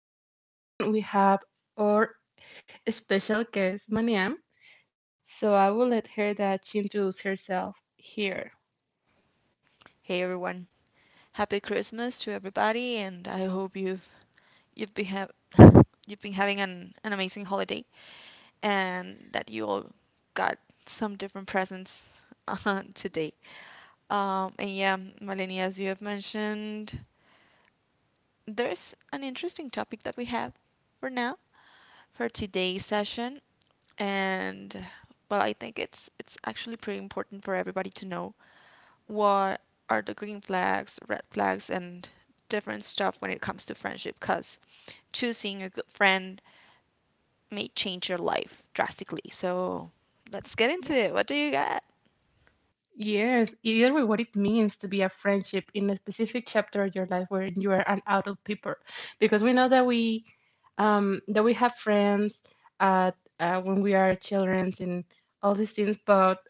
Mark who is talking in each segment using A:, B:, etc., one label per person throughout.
A: friendship, and we have our special guest, Mariam. So, I will let her that she introduce herself here.
B: Hey everyone, happy Christmas to everybody, and I hope you've been have you've been having an amazing holiday, and that you all got some different presents today. And yeah, Malini, as you have mentioned, there's an interesting topic that we have for now for today's session, and well, I think it's actually pretty important for everybody to know what are the green flags, red flags, and different stuff when it comes to friendship because choosing a good friend may change your life drastically. So let's get into it.
A: Yes.
B: What do you got?
A: Yes, you know what it means to be a friendship in a specific chapter of your life where you are an adult people, because we know that we have friends at when we are children and all these things, but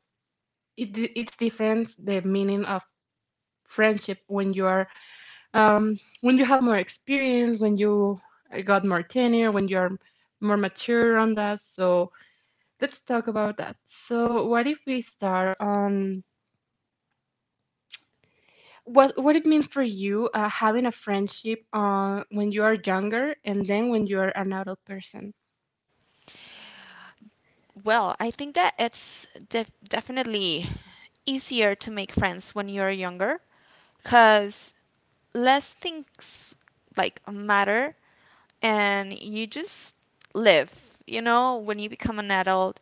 A: it's different the meaning of friendship when you are when you have more experience, when you got more tenure, when you are more mature on that. So let's talk about that. So what if we start on what it means for you having a friendship when you are younger and then when you are an adult person.
B: Well, I think that it's definitely easier to make friends when you're younger because less things like matter and you just live. You know, when you become an adult,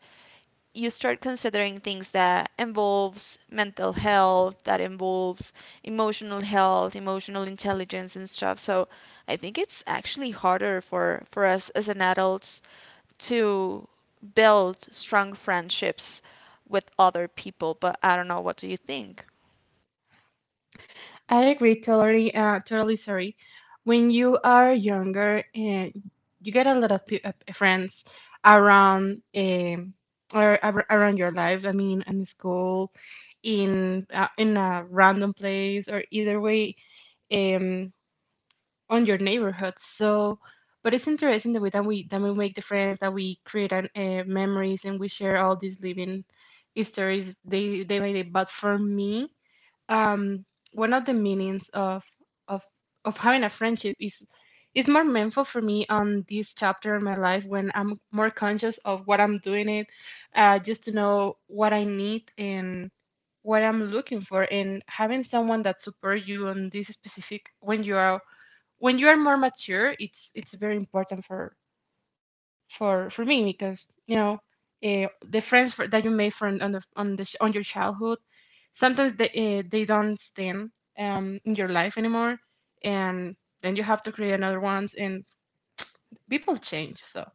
B: you start considering things that involves mental health, that involves emotional health, emotional intelligence and stuff. So I think it's actually harder for us as an adults to build strong friendships with other people, but I don't know what do you think?
A: I agree totally. Totally sorry. When you are younger, you get a lot of friends around or around your life. I mean, in school, in a random place, or either way. Um, on your neighborhood. So, but it's interesting the way that we make the friends, that we create memories, and we share all these living histories day by day. But for me, um, one of the meanings of of having a friendship is more meaningful for me on this chapter in my life when I'm more conscious of what I'm doing it, just to know what I need and what I'm looking for, and having someone that support you on this specific when you are more mature, it's very important for me because the friends that you made from on the on the on your childhood sometimes they don't stand in your life anymore, and then you have to create another ones, and people change. So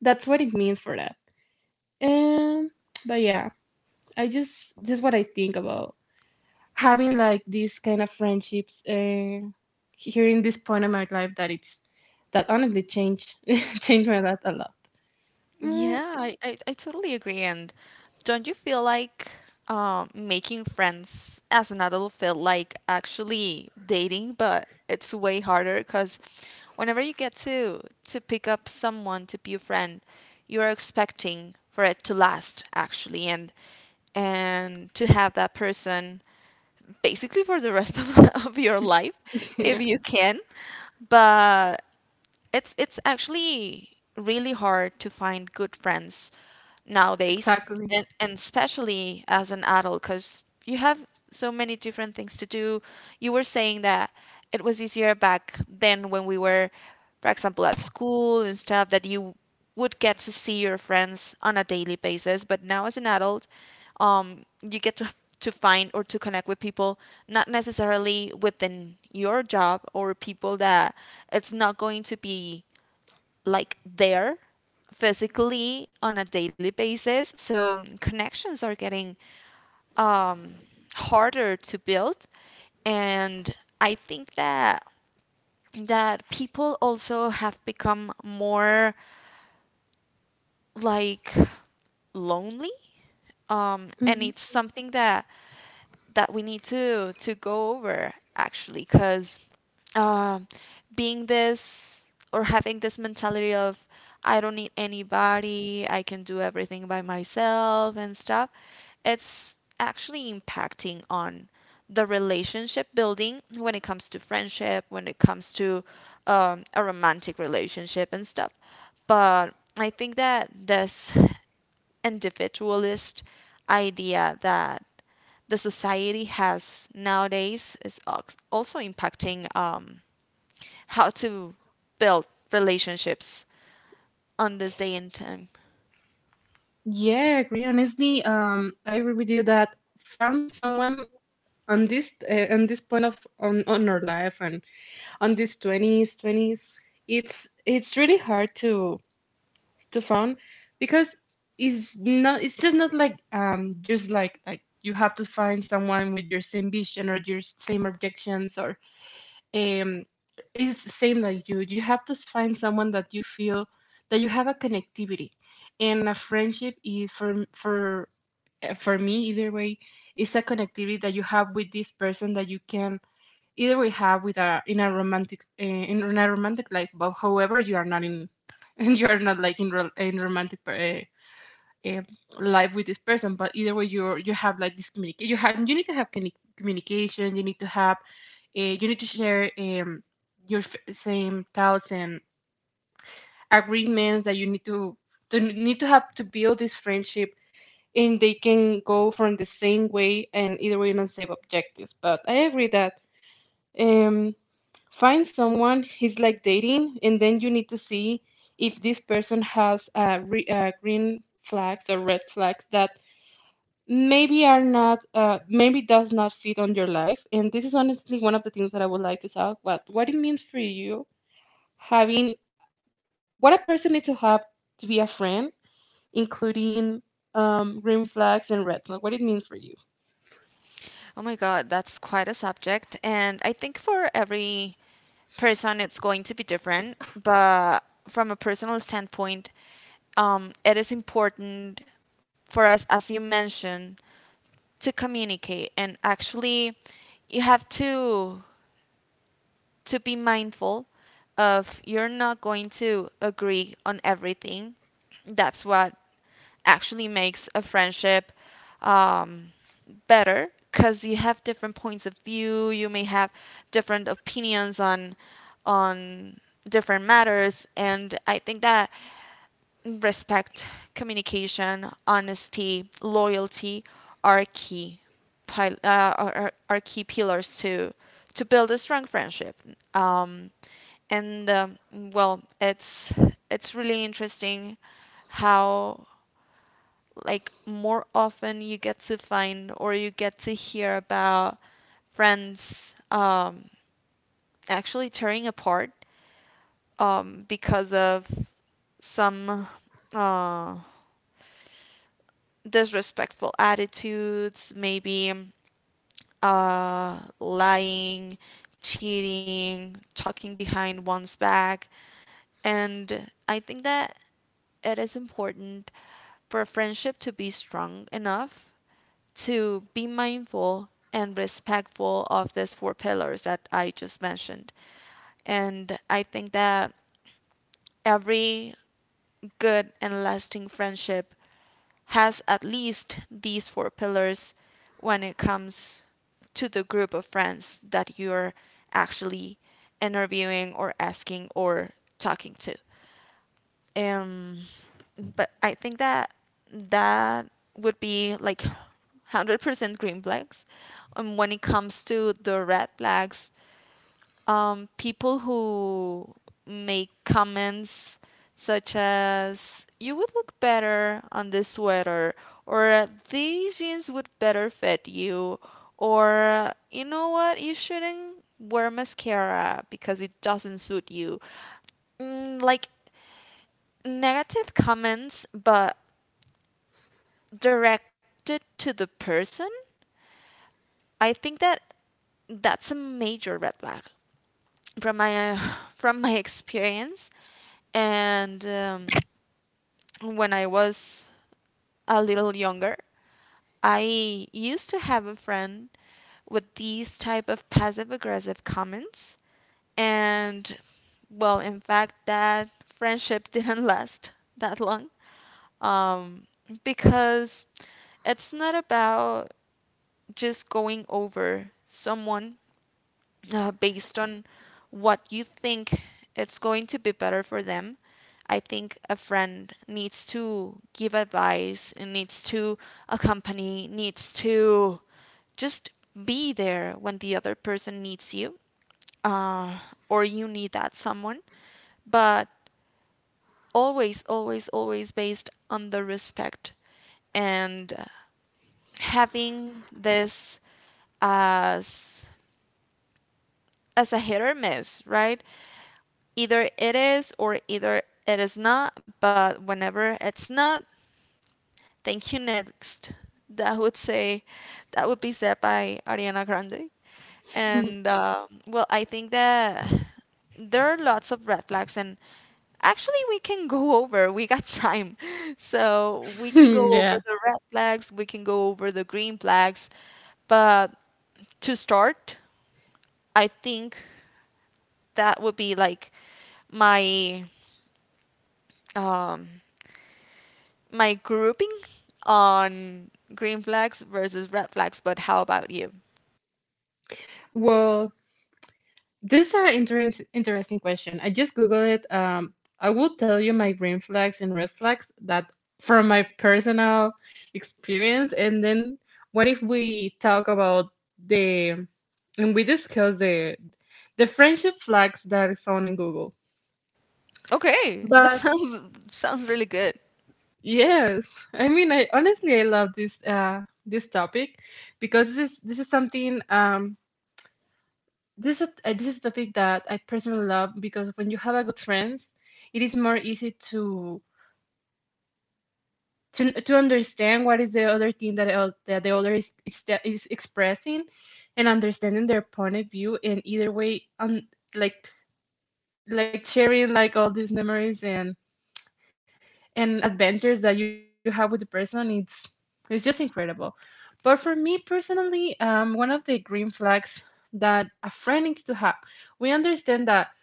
A: that's what it means for that. And but yeah, I just this is what I think about having like these kind of friendships here in this point of my life that it's that honestly changed changed my life a lot. Mm.
B: Yeah, I totally agree. And don't you feel like making friends as an adult feel like actually dating, but it's way harder because whenever you get to pick up someone to be a friend, you're expecting for it to last actually, and to have that person basically for the rest of, of your life if
A: Yeah.
B: you can. But it's actually really hard to find good friends nowadays,
A: Exactly.
B: and especially as an adult, because you have so many different things to do. You were saying that it was easier back then when we were, for example, at school and stuff that you would get to see your friends on a daily basis, but now as an adult, you get to find or to connect with people not necessarily within your job or people that it's not going to be like there physically on a daily basis. So connections are getting harder to build, and I think that people also have become more like lonely, and
A: Hmm.
B: it's something that that we need to go over actually, because um, being this or having this mentality of I don't need anybody, I can do everything by myself and stuff, it's actually impacting on the relationship building when it comes to friendship, when it comes to, a romantic relationship and stuff. But I think that this individualist idea that the society has nowadays is also impacting how to build relationships on this day and time.
A: Yeah, I agree honestly. I agree with you that found someone on this point on our life and on these 20s, 20s, it's really hard to find, because it's just not like just like you have to find someone with your same vision or your same objections, or um it's the same, like you have to find someone that you feel that you have a connectivity. And a friendship is, for me either way, is a connectivity that you have with this person, that you can either way have with a in a romantic in a romantic life. But however, you are not in and you're not like in, in romantic uh, life with this person, but either way you have like this communication, you need to have communication. You need to share your same thoughts and agreements that you need to need to have to build this friendship, and they can go from the same way and either way not same objectives. But I agree that um, find someone is like dating, and then you need to see if this person has green flags or red flags that maybe are not, maybe does not fit on your life. And this is honestly one of the things that I would like to talk about: what it means for you having what a person needs to have to be a friend, including green flags and red flags. What it means for you?
B: Oh my God, that's quite a subject. And I think for every person, it's going to be different. But from a personal standpoint, it is important for us, as you mentioned, to communicate. And actually, you have to be mindful of you're not going to agree on everything. That's what actually makes a friendship, um, better because you have different points of view. You may have different opinions on different matters, and I think that respect, communication, honesty, loyalty are key are key pillars to build a strong friendship. Um, and well, it's really interesting how like more often you get to find or you get to hear about friends actually tearing apart, because of some uh, disrespectful attitudes, maybe, lying, cheating, talking behind one's back. And I think that it is important for a friendship to be strong enough to be mindful and respectful of these four pillars that I just mentioned. And I think that every good and lasting friendship has at least these four pillars when it comes to the group of friends that you're actually interviewing or asking or talking to. Um, but I think that that would be like 100% green flags. And when it comes to the red flags, people who make comments such as you would look better on this sweater or these jeans would better fit you or you know what you shouldn't wear mascara because it doesn't suit you, mm, like negative comments but directed to the person. I think that that's a major red flag from my from my experience. And when I was a little younger I used to have a friend with these type of passive aggressive comments, and well in fact that friendship didn't last that long, um, because it's not about just going over someone based on what you think it's going to be better for them. I think a friend needs to give advice, and needs to accompany, needs to just be there when the other person needs you, uh, or you need that someone. But always, always, always based on the respect and having this as as a hit or miss, right? Either it is or either it is not, but whenever it's not, thank you next. That would say, that would be said by Ariana Grande. And well, I think that there are lots of red flags, and actually, we can go over. We got time. So we can go over
A: Yeah.
B: the red flags, we can go over the green flags. But to start, I think that would be like my, um, my grouping on green flags versus red flags, but how about you?
A: Well, this is an interesting question. I just googled it. I will tell you my green flags and red flags that from my personal experience, and then what if we talk about the and we discuss the friendship flags that I found in Google.
B: Okay, that
A: But
B: sounds sounds really good.
A: yes, I mean, I honestly I love this topic, because this is something. This this is a topic that I personally love, because when you have a good friends, it is more easy to understand what is the other thing that the other is expressing, and understanding their point of view. And either way, like like sharing like all these memories and adventures that you have with the person, it's just incredible. But for me personally, one of the green flags that a friend needs to have: we understand that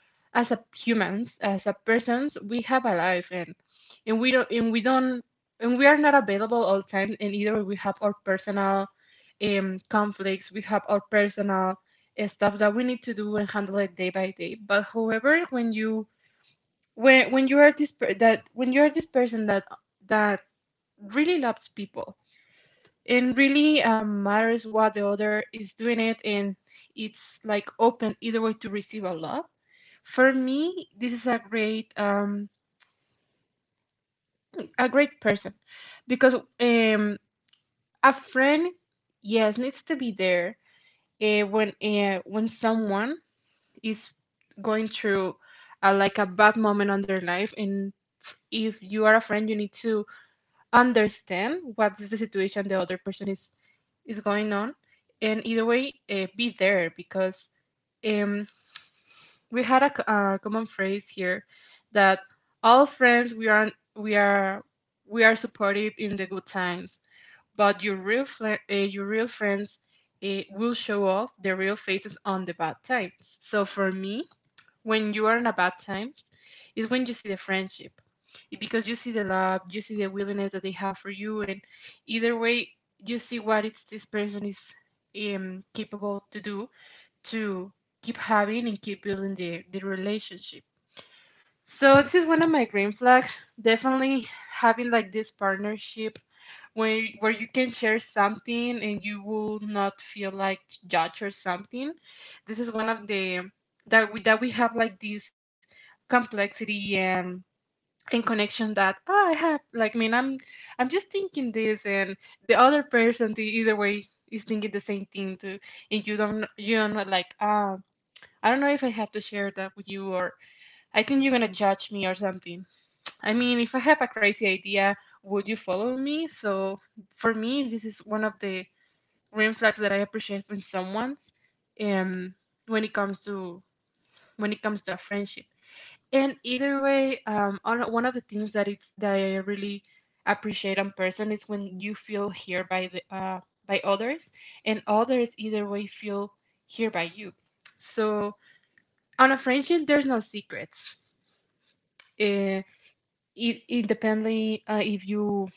A: as a humans as a persons we have a life, and we don't and we don't and we are not available all the time. And either we have our personal conflicts, we have our personal stuff that we need to do and handle it day by day. But however, when you are this person that really loves people, and really matters what the other is doing it, and it's like open either way to receive a love, for me this is a great person, because um a friend, yes, needs to be there when someone is going through like a bad moment on their life. And if you are a friend, you need to understand what's the situation the other person is going on, and either way, be there. Because, um, we had a common phrase here, that all friends we are we are supportive in the good times, but your real friends will show off their real faces on the bad times. So for me, when you are in a bad times is when you see the friendship, because you see the love, you see the willingness that they have for you, and either way you see what it's this person is capable to do, to keep having and keep building the relationship. So this is one of my green flags. Definitely, having like this partnership where you can share something and you will not feel like judged or something. This is one of the that we have like this complexity and connection, that, oh, I have like, I mean, I'm just thinking this, and the other person, the either way is thinking the same thing too, and you don't know, like, I don't know if I have to share that with you, or I think you're gonna judge me or something. I mean, if I have a crazy idea, would you follow me? So for me, this is one of the green flags that I appreciate in someone's, um, when it comes to, a friendship. And either way, one of the things that it's that I really appreciate on person is when you feel here by others, and others either way feel here by you. So on a friendship, there's no secrets. Uh, Independently, if you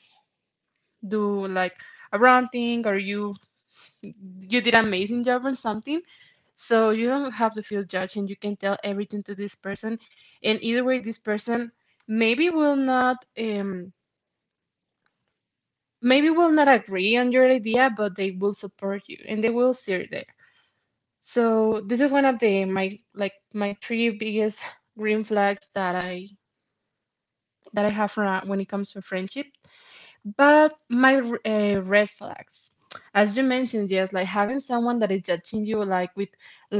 A: do like a wrong thing or you did an amazing job on something, so you don't have to feel judged and you can tell everything to this person. And either way, this person maybe will not, maybe will not agree on your idea, but they will support you and they will see it there. So this is one of the my like my three biggest green flags that I have ra- when it comes to friendship. But my red flags, as you mentioned, yes, like having someone that is judging you, like with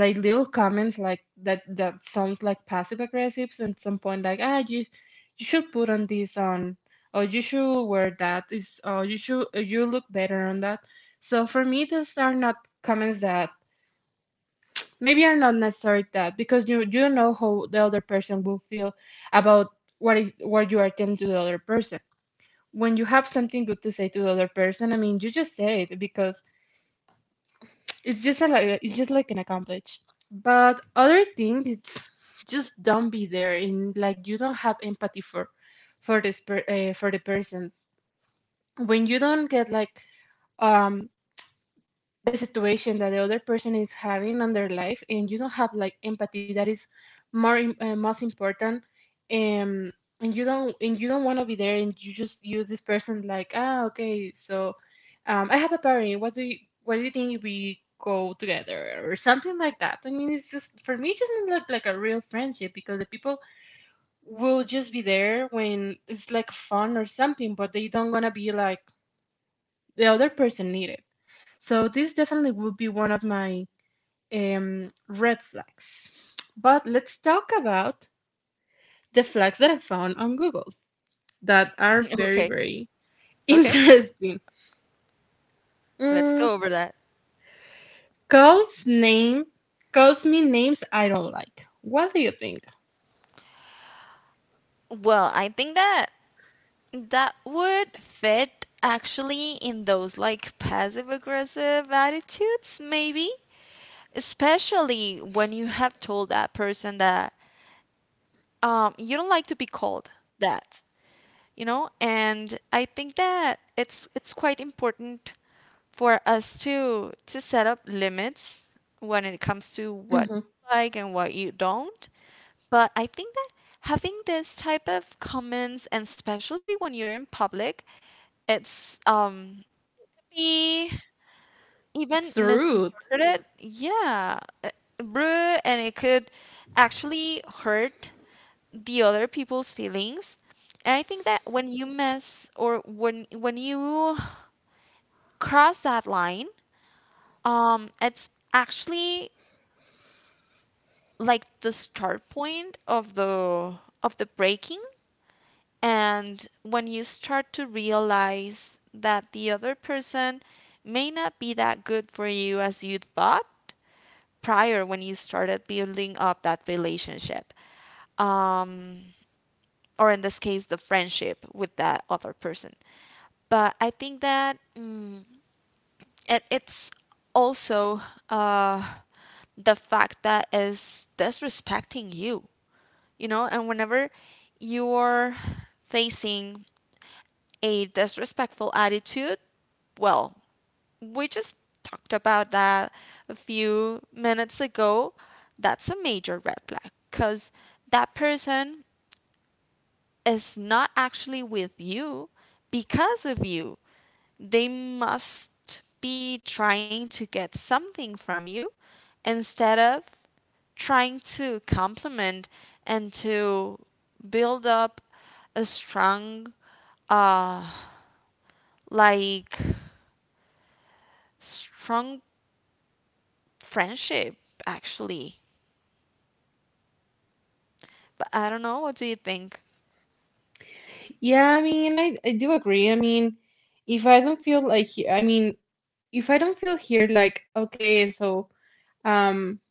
A: like little comments, like that sounds like passive aggressive. So at some point, like you should put on this on, or you should wear that is, or you look better on that. So for me, those are not comments that maybe are not necessary that, because you don't know how the other person will feel about what is what you are telling to the other person. When you have something good to say to the other person, I mean, you just say it, because it's just a, it's just like an accomplish. But other things, it's just don't be there in like you don't have empathy for this for the persons when you don't get like um a situation that the other person is having on their life and you don't have like empathy that is most important. um and you don't want to be there and you just use this person like, ah, okay, so, I have a party. What do you what do you think if we go together or something like that? I mean, it's just for me it doesn't look like a real friendship because the people will just be there when it's like fun or something, but they don't want to be like the other person needed. So this definitely would be one of my red flags. But let's talk about the flags that I found on Google that are very,
B: Okay.
A: very
B: Okay.
A: interesting.
B: Let's
A: Mm,
B: go over that.
A: calls name calls me names I don't like. What do you think?
B: Well, I think that that would fit actually in those like passive aggressive attitudes, maybe. Especially when you have told that person that, you don't like to be called that. You know, and I think that it's quite important for us to set up limits when it comes to
A: Mhm.
B: what you like and what you don't. But I think that having this type of comments and especially when you're in public, it's um, be even
A: It's rude.
B: misinterpreted. Yeah, uh, rude, and it could actually hurt the other people's feelings. And I think that when you mess or when you cross that line, it's actually like the start point of the breaking. And when you start to realize that the other person may not be that good for you as you thought prior when you started building up that relationship. Um, or in this case the friendship with that other person. But I think that, mm, it's also uh, the fact that is disrespecting you, you know. And whenever you're facing a disrespectful attitude, well, we just talked about that a few minutes ago. That's a major red flag because that person is not actually with you because of you. They must be trying to get something from you instead of trying to complement and to build up a strong uh like strong friendship actually, but I don't know what do you think.
A: Yeah, I mean, I do agree. I mean, if I don't feel like, I mean, if I don't feel here, like, okay, so, um,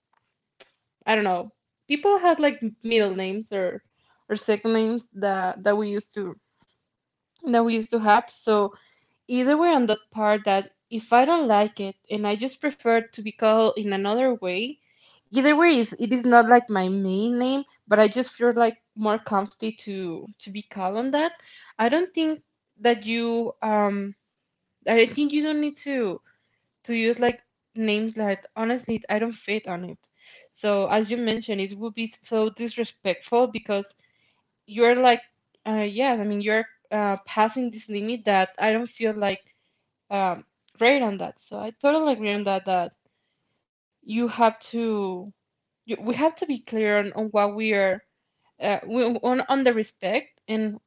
A: I don't know. People had like middle names or second names that we used to have. So either we're on that part that if I don't like it and I just prefer to be called in another way, either way is it is not like my main name, but I just feel like more comfy to be called on that. I don't think that you I think you don't need to use like names that honestly I don't fit on it. So as you mentioned, it would be so disrespectful because you're like yeah, I mean you're passing this limit that I don't feel like um great on that. So I totally agree on that, that you have to we have to be clear on what we are on the respect and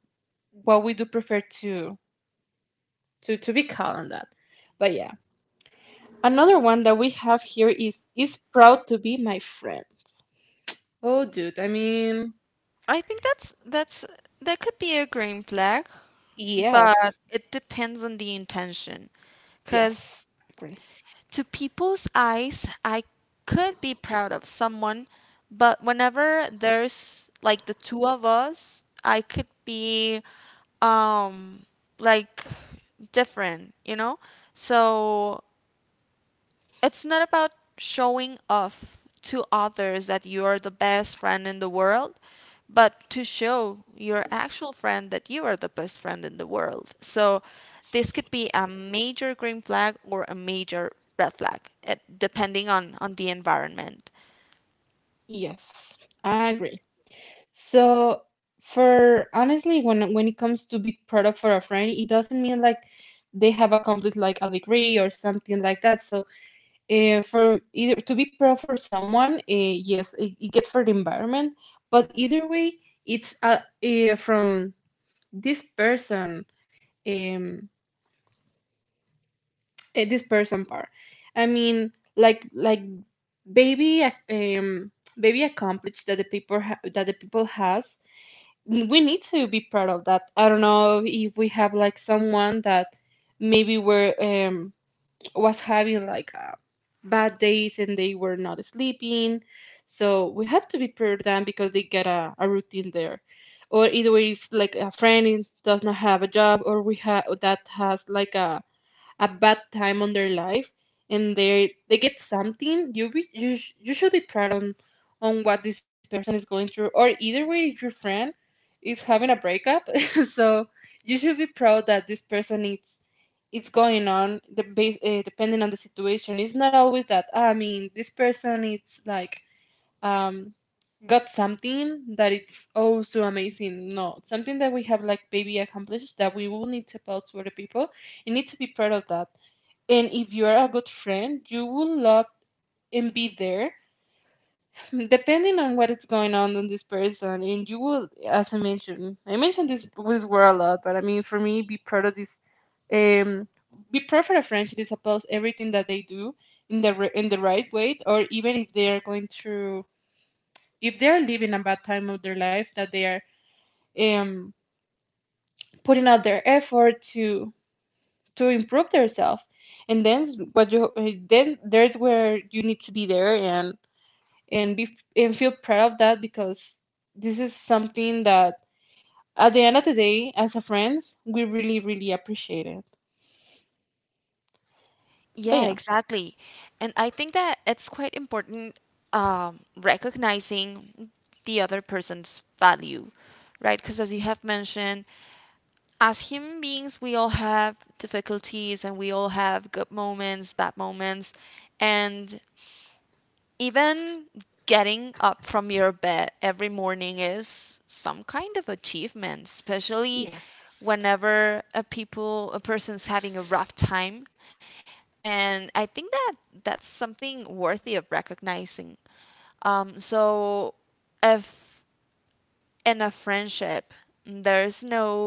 A: what we do prefer to to be called on that. But yeah, another one that we have here is proud to be my friend. Oh dude, I mean,
B: I think that's that could be a green flag, but
A: yes.
B: it depends on the intention, cuz
A: Yes, agree.
B: to people's eyes, I could be proud of someone, but whenever there's like the two of us, I could be, um like different, you know? So it's not about showing off to others that you are the best friend in the world, but to show your actual friend that you are the best friend in the world. So this could be a major green flag or a major red flag, depending on the environment.
A: Yes, I agree. So for honestly, when it comes to be product for a friend, it doesn't mean like they have a complete like a degree or something like that. So for either to be product for someone, yes, it gets for the environment, but either way, it's from this person, um, this person part. I mean, like baby, ac- um, baby accomplished that the people ha that the people has, we need to be proud of that. I don't know if we have like someone that maybe were was having like bad days and they were not sleeping. So we have to be proud of them because they get a routine there. Or either way, if like a friend does not have a job, or we have that has like a bad time on their life and they get something, you you should be proud on what this person is going through. Or either way, if your friend is having a breakup so you should be proud that this person is it's going on the base, depending on the situation. It's not always that, "Ah, I mean this person it's like um got something that it's, oh, so amazing." No, something that we have like baby accomplished that we will need to tell to other people. You need to be proud of that. And if you're a good friend, you will love and be there, depending on what is going on in this person. And you will, as I mentioned, this word a lot, but I mean, for me, be proud of this. Um, be proud for a friend that supports everything that they do in the in the right way. Or even if they are going through, if they are living a bad time of their life, that they are um putting out their effort to. To improve themselves and then then there's where you need to be there and be and feel proud of that, because this is something that at the end of the day as a friends we really really appreciate it. But
B: Yeah,
A: yeah.
B: exactly. And I think that it's quite important, recognizing the other person's value, right? Because as you have mentioned, as human beings, we all have difficulties and we all have good moments, bad moments, and even getting up from your bed every morning is some kind of achievement, especially
A: Yes.
B: whenever a person's having a rough time. And I think that that's something worthy of recognizing. So if in a friendship there's no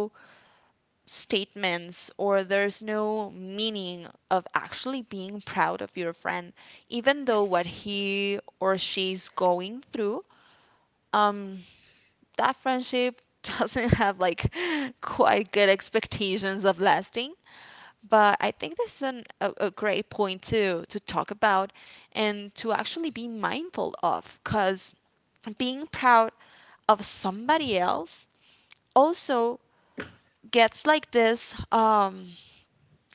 B: statements or there's no meaning of actually being proud of your friend even though what
A: Yes.
B: he or she's going through, that friendship doesn't have like quite good expectations of lasting. But I think this is a great point to talk about, and to actually be mindful of, because being proud of somebody else also gets like this, um,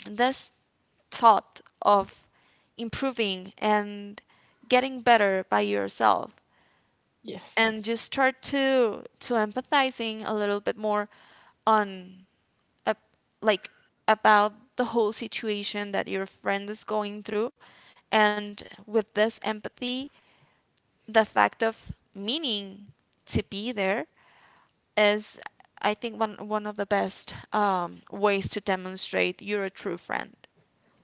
B: this thought of improving and getting better by yourself, and
A: Yes,
B: just start to empathizing a little bit more on, uh, like about the whole situation that your friend is going through. And with this empathy the fact of meaning to be there is, I think, one of the best, ways to demonstrate you're a true friend.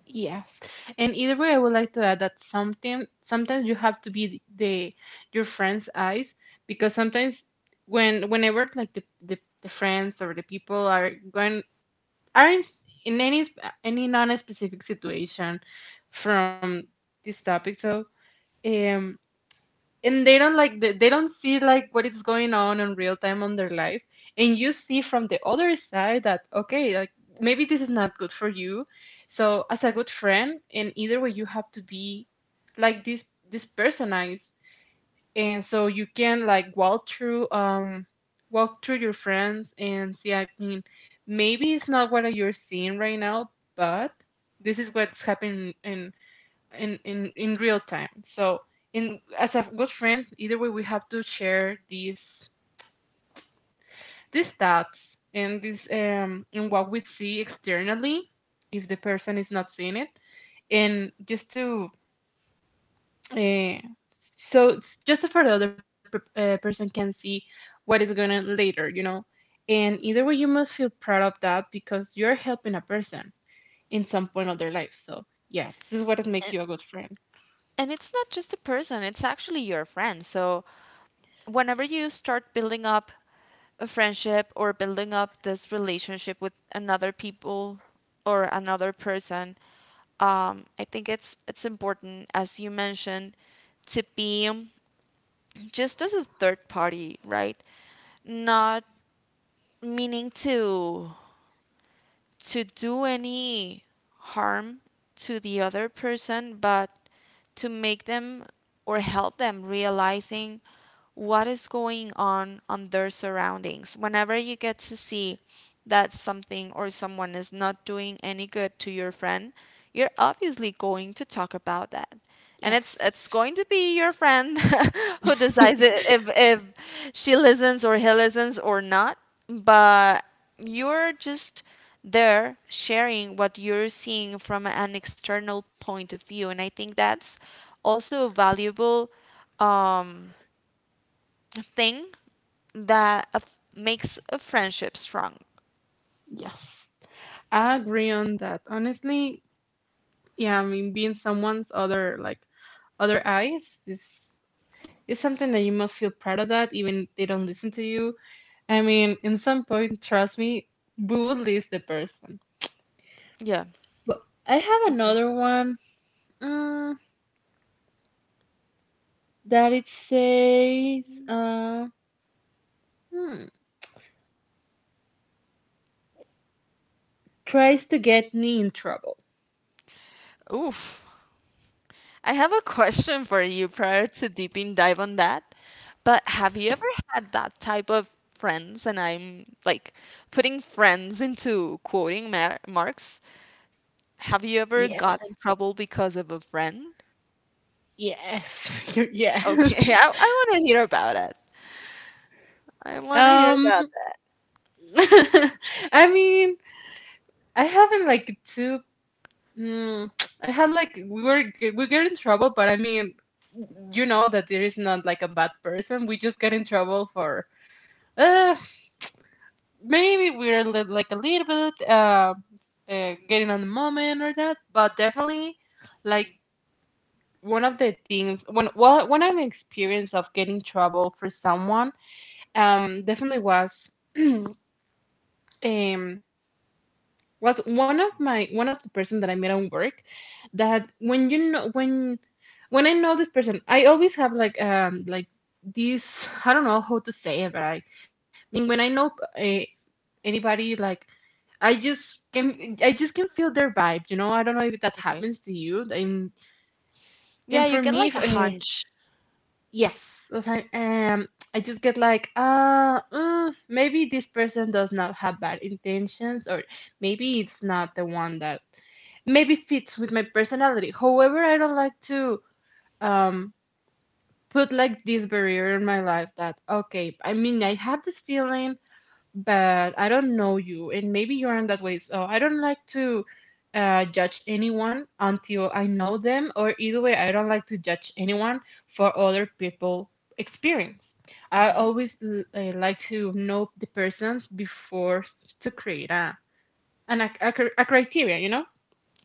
A: yes, and either way I would like to add that something, sometimes you have to be the your friends eyes, because sometimes whenever like the, the friends or the people are going aren't in any any non-specific situation from this topic. So um and they don't like, they don't see like what is going on in real time on their life, and you see from the other side that, okay, like maybe this is not good for you. So as a good friend in either way you have to be like this personalized, and so you can like walk through your friends and see. I mean, maybe it's not what you're seeing right now, but this is what's happening in in real time. So in as a good friend either way we have to share these thoughts and this and what we see externally, if the person is not seeing it. And just to Uh, so it's just for the other person can see what is going on later, you know. And either way, you must feel proud of that because you're helping a person in some point of their life. So yeah, this is what it makes you a good friend.
B: And it's not just a person, it's actually your friend. So, whenever you
A: Yes,
B: start building up a friendship or building up this relationship with another people or another person, I think it's important, as you mentioned, to be, just as a third party, right? Not meaning to do any harm to the other person, but to make them or help them realizing what is going on their surroundings. Whenever you get to see that something or someone is not doing any good to your friend, you're obviously going to talk about that, and it's
A: yes,
B: it's going to be your friend who decides it if she listens or he listens or not. But you're just there sharing what you're seeing from an external point of view, and I think that's also a valuable thing that makes a friendship strong.
A: yes. I agree on that. Honestly, yeah. I mean, being someone's other like other eyes is something that you must feel proud of that, even if they don't listen to you. I mean, in some point, trust me, we would lose the person.
B: Yeah.
A: But I have another one, mm, that it says hmm, tries to get me in trouble.
B: Oof. I have a question for you prior to deeping dive on that. But have you ever had that type of friends? And I'm like putting friends into quoting marks. Have you ever got
A: Yes,
B: in trouble because of a friend?
A: yes, yes.
B: Okay, I want to hear about it. I want to hear
A: Um,
B: about that.
A: I mean, I haven't like too. Mm, I had like we get in trouble, but I mean, you know that there is not like a bad person. We just get in trouble for uh maybe we're like a little bit getting on the moment or that, but definitely like one of the things when, well, when an experience of getting trouble for someone definitely um was one of my one of the person that I met on work. That when you know when I know this person I always have like this, I don't know how to say it, but I mean when I know uh, anybody like, I just can feel their vibe, you know. I don't know if that
B: Okay.
A: happens to you.
B: Yeah,
A: And
B: you
A: for
B: get
A: me,
B: like a
A: if,
B: hunch.
A: yes, if I just get like, maybe this person does not have bad intentions, or maybe it's not the one that maybe fits with my personality. However, I don't like to um put like this barrier in my life that, okay, I mean I have this feeling, but I don't know you, and maybe you're in that way. So I don't like to judge anyone until I know them, or either way, I don't like to judge anyone for other people' experience. I
B: Hmm.
A: always I like to know the persons before to create a an, a, cr- a criteria, you know.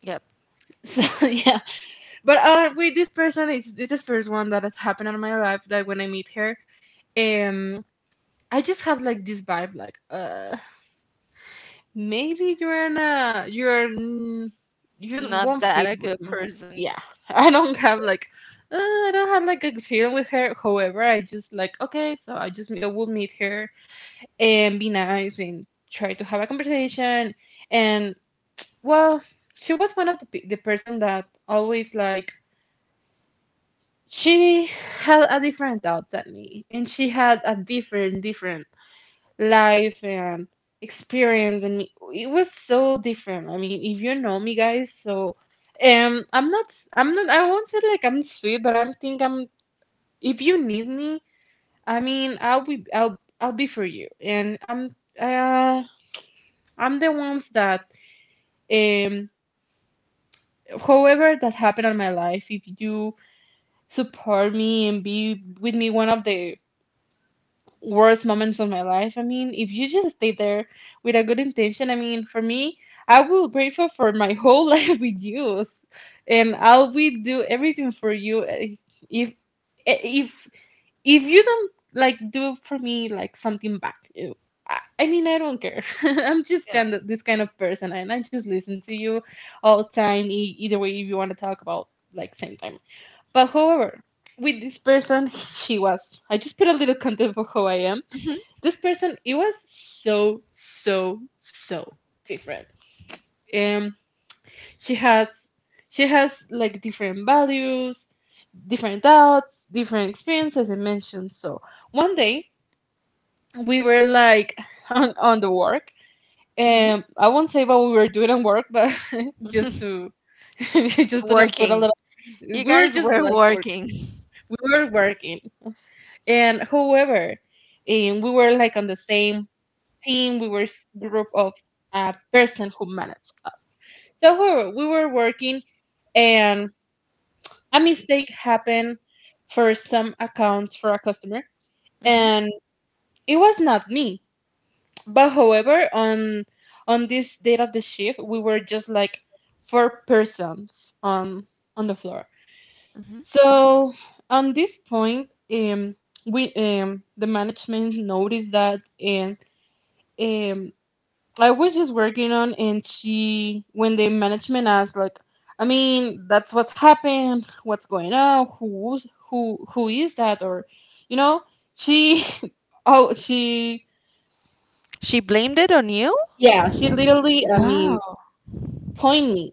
B: Yep.
A: So yeah, but with this person, it's the first one that has happened in my life that when I meet her, um, I just have like this vibe, like Maybe you're not, you
B: Not
A: won't
B: that a
A: fit
B: good
A: with me.
B: person.
A: Yeah, I don't have like, I don't have like a feeling with her. However, I just like, okay, so I just, I will meet her and be nice and try to have a conversation. And, well, she was one of the, the person that always like, she had a different thoughts at me and she had a different, different life and experience and it was so different. I mean, if you know me guys, so I won't say like I'm sweet, but I'm think I'm, if you need me, I mean, I'll be for you. And uh I'm the ones that um however that happened in my life, if you support me and be with me one of the worst moments of my life. I mean, if you just stay there with a good intention, I mean, for me, I will grateful for my whole life with you, and I'll be do everything for you. If if, if you don't like do for me like something back, I mean, I don't care. I'm just
B: Yeah.
A: kind of this kind of person, and I just listen to you all the time. Either way, if you want to talk about like same time, but however. With this person, she was. I just put a little content for who I am. This person, it was so so so different. um she has, she has like different values, different thoughts, different experiences I mentioned. So one day we were like on the work.
B: Hmm.
A: I won't say what we were doing on work, but just to just to not put a
B: Working.
A: lot, we
B: You
A: were
B: guys
A: just
B: were
A: like working.
B: working.
A: We were working. And however, and we were like on the same team, we were group of person who managed us. So however, we were working, and a mistake happened for some accounts for a customer,
B: Hmm.
A: and it was not me. But however, on this date of the shift, we were just like four persons on the floor.
B: Hmm.
A: So on this point, we the management noticed that, and um, I was just working on. And she, when the management asked, like, I mean, that's what's happened. What's going on? Who's who? Who is that? Or, you know, she, oh, she,
B: She blamed it on you?
A: yeah, she literally, I
B: Wow.
A: mean, point me.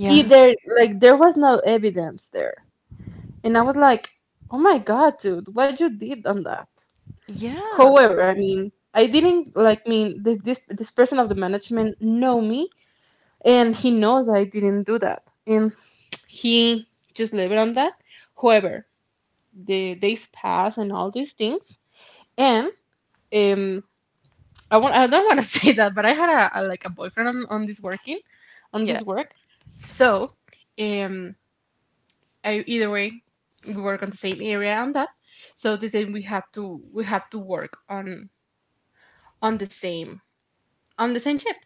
B: Yeah.
A: Either like there was no evidence there, and I was like, oh my God, dude, what you did on that?
B: Yeah.
A: However, I mean, I didn't like mean this person of the management know me, and he knows I didn't do that, and he just left it on that. However, the days pass and all these things, and um, I want I don't want to say that, but I had a like a boyfriend on this working, on this
B: Yeah.
A: work. So um, I either way we work on the same area on that. So they said we have to work on the same on the same shift.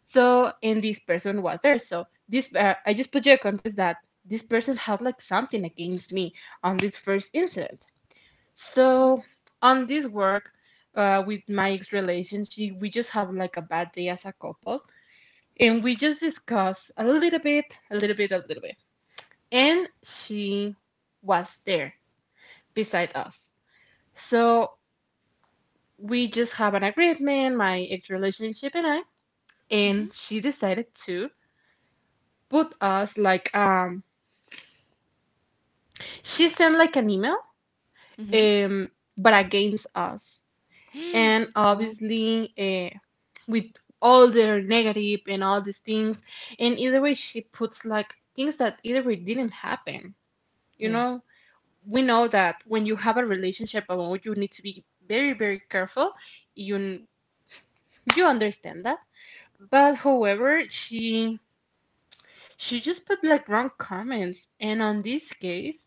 A: So, and this person was there. So, this I just put your context that this person had like something against me on this first incident. So, on this work with my ex relationship, we just have like a bad day as a couple, and we just discuss a little bit, a little bit, a little bit, and she was there beside us. So we just have an agreement, my ex relationship and I,
B: Mm-hmm.
A: and she decided to put us like she sent like an email
B: Mm-hmm.
A: um but against us, and
B: What?
A: obviously uh, with all their negative and all these things. And either way she puts like things that either way didn't happen, you
B: Yeah.
A: know. We know that when you have a relationship alone you need to be very very careful. you you understand that. But however she just put like wrong comments, and on this case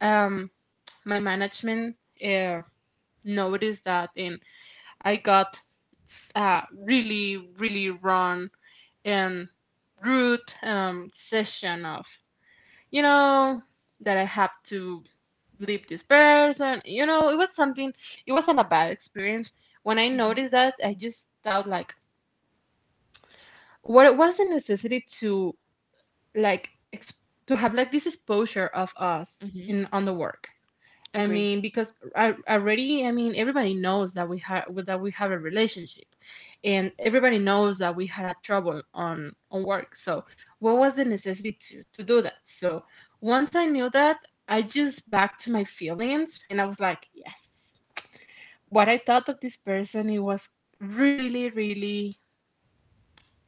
A: um my management uh, noticed that, and I got really, really wrong and rude session of, you know, that I have to leave this person. You know, it was something, it wasn't a bad experience. When I
B: Mm-hmm.
A: noticed that, I just thought like, what it was the necessity to like, to have like this exposure of us in on the work? I
B: Agree.
A: mean, because I already, I mean, everybody knows that we have a relationship, and everybody knows that we had a trouble on work. So, what was the necessity to do that? So, once I knew that, I just backed to my feelings, and I was like, yes. What I thought of this person, it was really, really,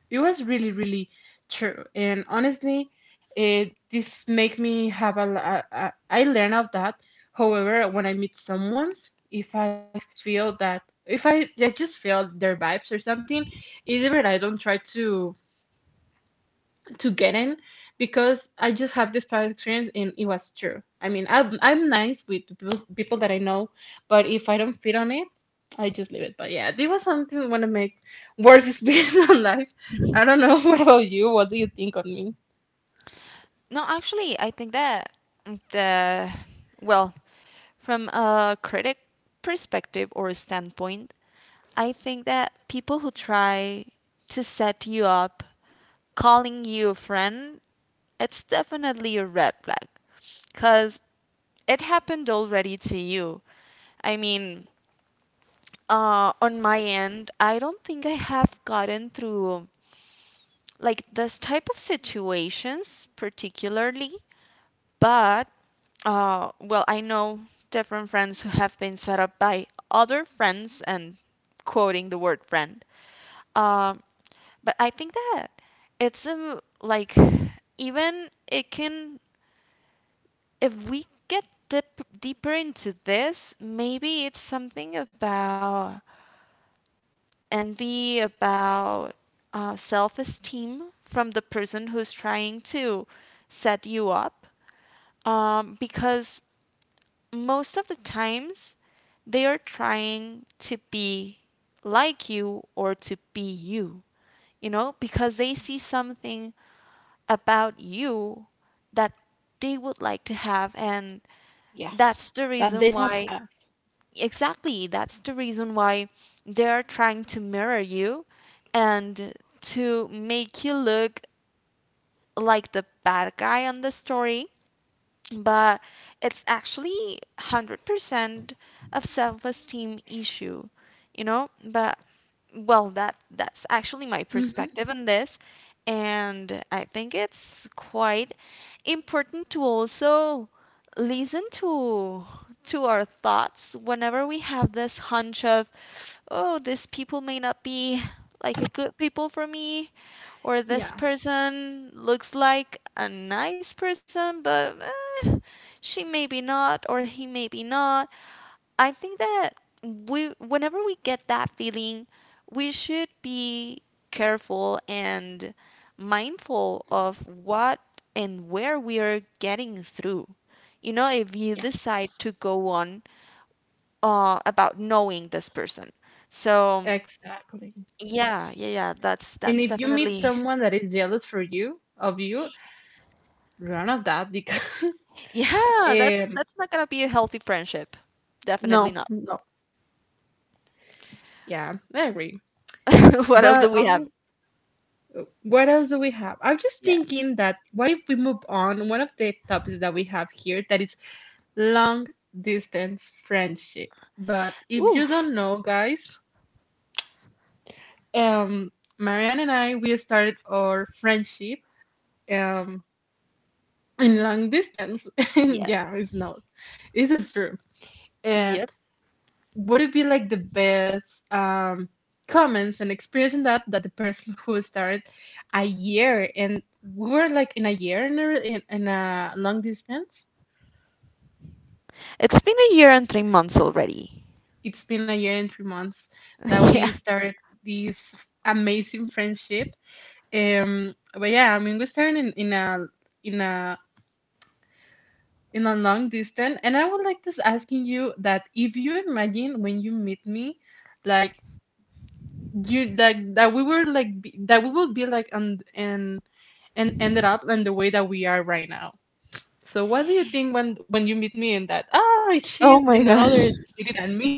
A: it was really, really true. And honestly, it this make me have a, I learn of that. However, when I meet someone, if I feel that, if I just feel their vibes or something, either I don't try to get in, because I just have this past experience and it was true. I mean, I'm nice with the people, people that I know, but if I don't fit on it, I just leave it. But yeah, this was something I want to make worst experience in life. I don't know. What about you? What do you think on me?
B: No, actually, I think that the, well, from a critic perspective or standpoint, I think that people who try to set you up, calling you a friend, it's definitely a red flag, cause it happened already to you. I mean, on my end, I don't think I have gotten through like this type of situations particularly, but well, I know different friends who have been set up by other friends and quoting the word friend. Um, but I think that it's like, even it can, if we get deeper into this, maybe it's something about envy, about self esteem from the person who's trying to set you up. Because most of the times they are trying to be like you or to be you, you know, because they see something about you that they would like to have. And that's
A: Yes,
B: the reason
A: that they
B: why,
A: don't have.
B: exactly, that's the reason why they're trying to mirror you and to make you look like the bad guy on the story, but it's actually 100% of self-esteem issue, you know. But well, that's actually
A: Mm-hmm.
B: my perspective on this, and I think it's quite important to also listen to our thoughts whenever we have this hunch of, oh, these people may not be like a good people for me, or
A: Yeah.
B: this person looks like a nice person, but eh, she may be not or he may be not. I think that we whenever we get that feeling, we should be careful and mindful of what and where we are getting through, you know, if you decide
A: Yes.
B: to go on about knowing this person. So
A: Exactly.
B: yeah, yeah, yeah. That's
A: And
B: that's
A: if you meet
B: definitely
A: someone that is jealous for you, of you, run of that because
B: yeah. That
A: um
B: that's not gonna be a healthy friendship. Definitely
A: no
B: not.
A: no, yeah, I agree.
B: What else
A: But
B: do we have?
A: honestly, what else do we have? I'm just
B: Yeah.
A: thinking that what if we move on? One of the topics that we have here that is long distance friendship. But if you don't
B: Oof.
A: know, guys, um, Marianne and I we started our friendship um in long distance. And
B: Yeah.
A: yeah, it's not. This is true. And
B: Yep.
A: would it be like the best comments and experience in that, that the person who started a year, and we were like in a year in a, in, in a long distance.
B: It's been a year and 3 months already.
A: It's been a year and 3 months that
B: Yeah.
A: we started this amazing friendship. But yeah, I mean, we started in a in a in a long distance, and I would like to asking you that if you imagine when you meet me, like you like that we were like be, that we will be like on, and ended up in the way that we are right now. So what do you think when you meet me in that? Oh,
B: Oh
A: she's in
B: my
A: another
B: gosh.
A: city than me.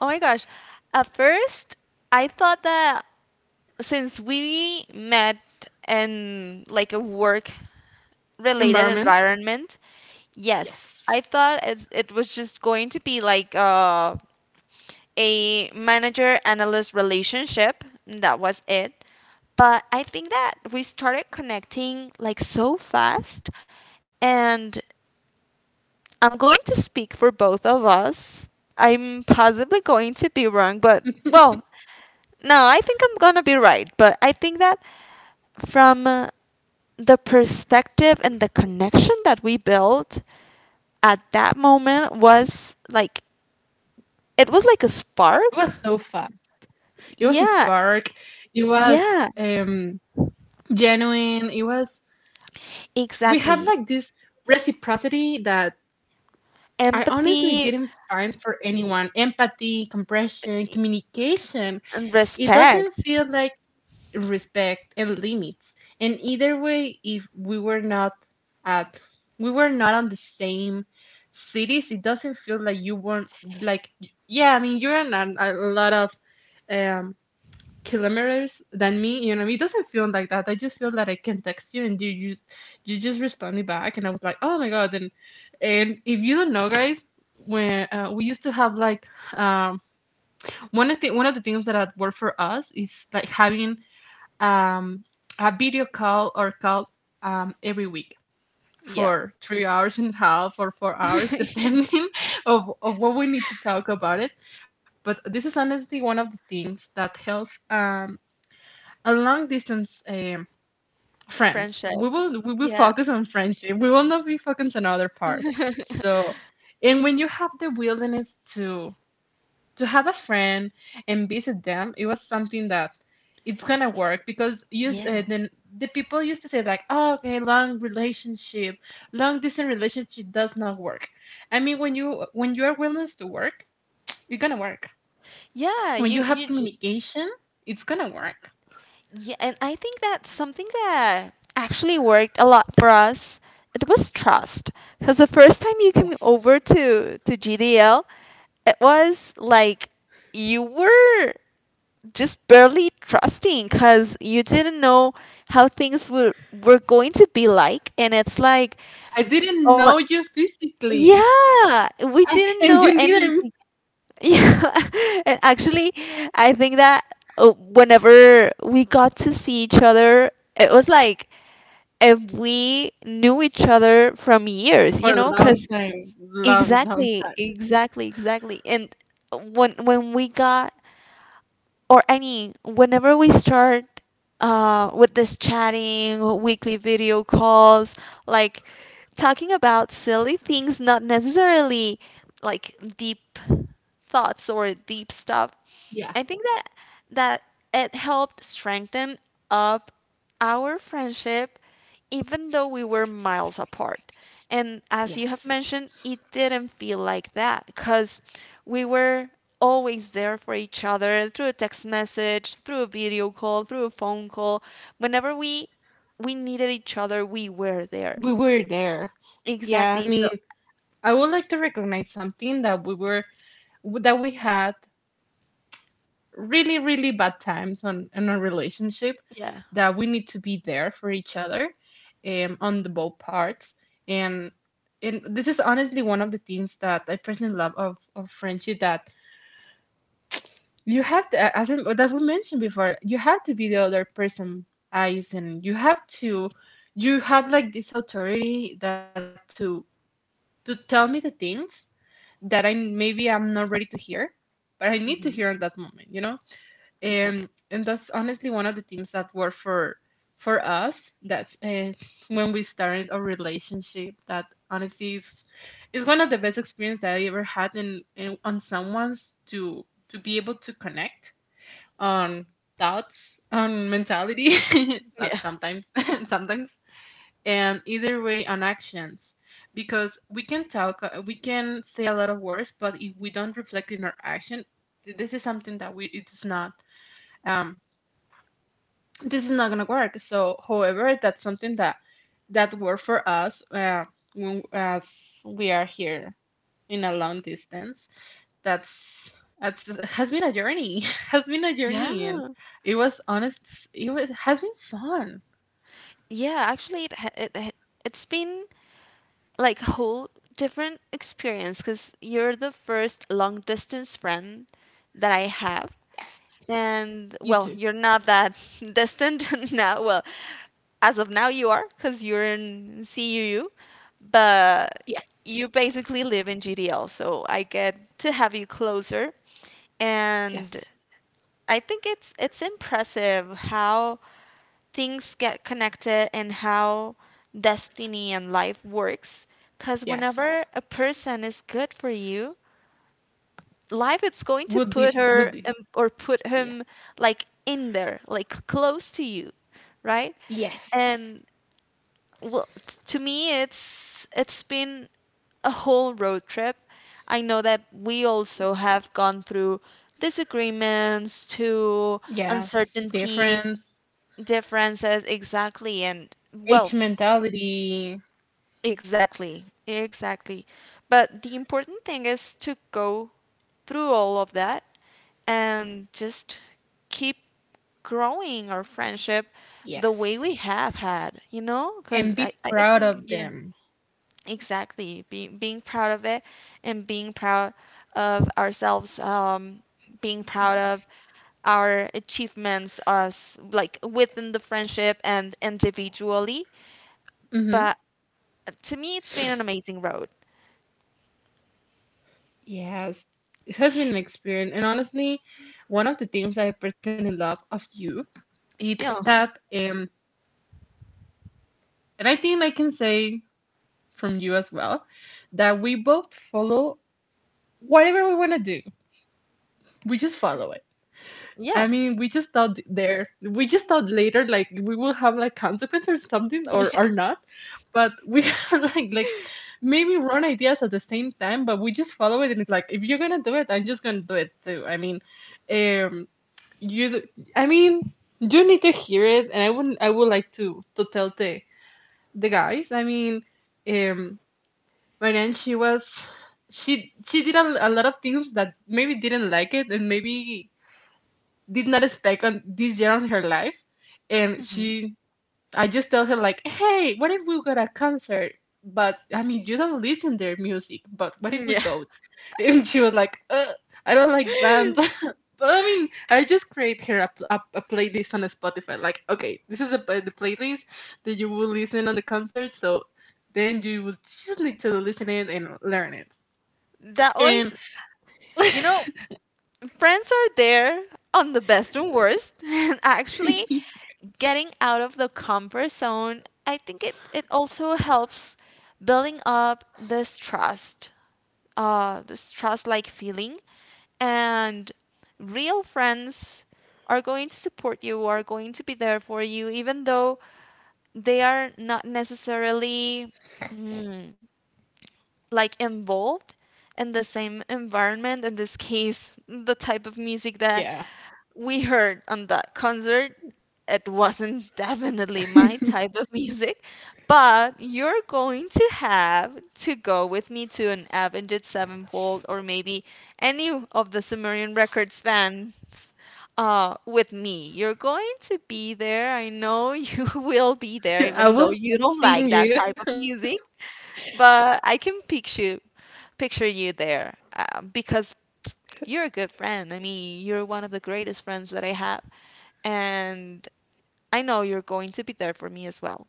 B: Oh my gosh. At first, I thought that since we met in like a work related
A: Environment.
B: environment. Yes, I
A: Yes,
B: thought it was just going to be like a manager analyst relationship. That was it. But I think that we started connecting like so fast. And I'm going to speak for both of us. I'm possibly going to be wrong, but well, no, I think I'm going to be right. But I think that from the perspective and the connection that we built, at that moment was like, it was like a
A: it
B: spark.
A: was so fun. It was a
B: Yeah,
A: spark. It was
B: yeah,
A: genuine. It was we had
B: exactly.
A: like this reciprocity that I honestly
B: Empathy
A: didn't find for anyone. Empathy, compression, communication.
B: and
A: It doesn't
B: respect.
A: feel like respect and limits. And either way, if we were not at, we were not on the same cities, it doesn't feel like you weren't like, yeah, I mean you're on a lot of um kilometers than me, you know, it doesn't feel like that. I just feel that I can text you and you just respond me back, and I was like, oh my God. And if you don't know guys, when we used to have like um one of the things that had worked for us is like having um, a video call or call every week
B: Yeah.
A: for 3 hours and a half or 4 hours,
B: Yeah.
A: depending of what we need to talk about it. But this is honestly one of the things that helps a long distance friends.
B: Friendship.
A: We will
B: Yeah.
A: focus on friendship. We will not be focused on other part. So, and when you have the willingness to have a friend and visit them, it was something that it's gonna work because use
B: Yeah.
A: then the people used to say like, oh okay, long relationship, long distance relationship does not work. I mean when you are willing to work, it's gonna work.
B: Yeah,
A: When you
B: you
A: have
B: you just
A: communication, it's gonna work.
B: Yeah, and I think that's something that actually worked a lot for us. It was trust. Because the first time you came
A: Yes.
B: over to GDL, it was like you were just barely trusting because you didn't know how things were going to be like, and it's like,
A: I didn't
B: oh my.
A: know you physically.
B: Yeah, we
A: I,
B: didn't
A: and
B: know
A: you neither me.
B: anything. Yeah. And actually, I think that whenever we got to see each other, it was like if we knew each other from years,
A: For
B: you
A: a
B: know,
A: long
B: because
A: time, long long
B: exactly,
A: time.
B: exactly, exactly. And when we got, or I mean, whenever we start with this chatting, weekly video calls, like talking about silly things, not necessarily like deep thoughts or deep stuff,
A: Yeah.
B: I think that that it helped strengthen up our friendship even though we were miles apart. And as you have
A: Yes.
B: mentioned, it didn't feel like that because we were always there for each other through a text message, through a video call, through a phone call. Whenever we needed each other, we were there.
A: We were there. Yeah,
B: Exactly.
A: I
B: So
A: mean, I would like to recognize something, that we were, that we had really really bad times on in our relationship,
B: yeah,
A: that we need to be there for each other on the both parts. and and this is honestly one of the things that I personally love of friendship, that you have to as in, that we mentioned before, you have to be the other person eyes, and you have to you have like this authority that to tell me the things that I maybe I'm not ready to hear, but I need to hear in that moment, you know?
B: exactly.
A: And that's honestly one of the things that work for us. That's when we started our relationship. That honestly is one of the best experience that I ever had in on someone's to be able to connect on thoughts on mentality that
B: Yeah.
A: sometimes sometimes, and either way on actions, because we can talk we can say a lot of words, but if we don't reflect in our action, this is something that we it's not um this is not gonna work. So however, that's something that that worked for us when, as we are here in a long distance. that's that's it has been a journey has been a
B: Yeah.
A: journey, and it was honest it was has been fun.
B: Yeah, actually it's been like whole different experience because you're the first long distance friend that I have.
A: Yes. You
B: And
A: too.
B: well, you're not that distant now. Well, as of now, you are because you're in CUU, but
A: Yes.
B: you basically live in GDL. So I get to have you closer.
A: Yes.
B: And I think it's impressive how things get connected and how destiny and life works, because
A: Yes.
B: whenever a person is good for you, life is going to
A: Would be
B: put
A: would
B: her
A: be,
B: in, or put
A: yeah.
B: him, like in there, like close to you, right?
A: Yes.
B: And well, to me it's been a whole road trip. I know that we also have gone through disagreements, to
A: Yes.
B: uncertainty,
A: Difference.
B: differences, exactly, and
A: H
B: well,
A: mentality.
B: exactly, exactly. But the important thing is to go through all of that and just keep growing our friendship the way we
A: Yes.
B: have had, you know, because
A: And
B: I,
A: be
B: I
A: proud
B: think
A: of
B: yeah.
A: them.
B: Exactly. Being being proud of it, and being proud of ourselves, being proud of
A: Yes.
B: our achievements, us like within the friendship and individually.
A: Mm-hmm.
B: But to me it's been an amazing road.
A: Yes. It has been an experience. And honestly, one of the things that I personally love of you, it's
B: Yeah.
A: that and I think I can say from you as well, that we both follow whatever we want to do. We just follow it. I mean, we just
B: Yeah.
A: thought there, we just thought later, like we will have like consequence or something, or not. But we had like maybe wrong ideas at the same time, but we just follow it, and it's like if you're gonna do it, I'm just gonna do it too. I mean, um, you, d- I mean, you need to hear it, and I wouldn't, I would like to tell the guys. I mean, um, Marianne, she did a lot of things that maybe didn't like it, and maybe did not expect on this year on her life, and she I just tell her like, hey, what if we go to a concert? But I mean, you don't listen their music. But what if
B: Yeah.
A: we go? And she was like, I don't like bands. But I mean, I just create her a playlist on Spotify. Like, okay, this is the playlist that you will listen on the concert. So then you will just need to listen it and learn it.
B: That was,
A: And
B: you know, friends are there on the best and worst, and actually getting out of the comfort zone, I think it, it also helps building up this trust like feeling. And real friends are going to support you, are going to be there for you, even though they are not necessarily like involved in the same environment, in this case the type of music that
A: yeah,
B: we heard on that concert. It wasn't definitely my type of music, but you're going to have to go with me to an Avenged Sevenfold, or maybe any of the Sumerian Records bands, with me, you're going to be there. I know you will be there even
A: I
B: though
A: will
B: you don't
A: sing
B: like
A: you.
B: that type of music, but I can picture you there, because you're a good friend. I mean, you're one of the greatest friends that I have, and I know you're going to be there for me as well.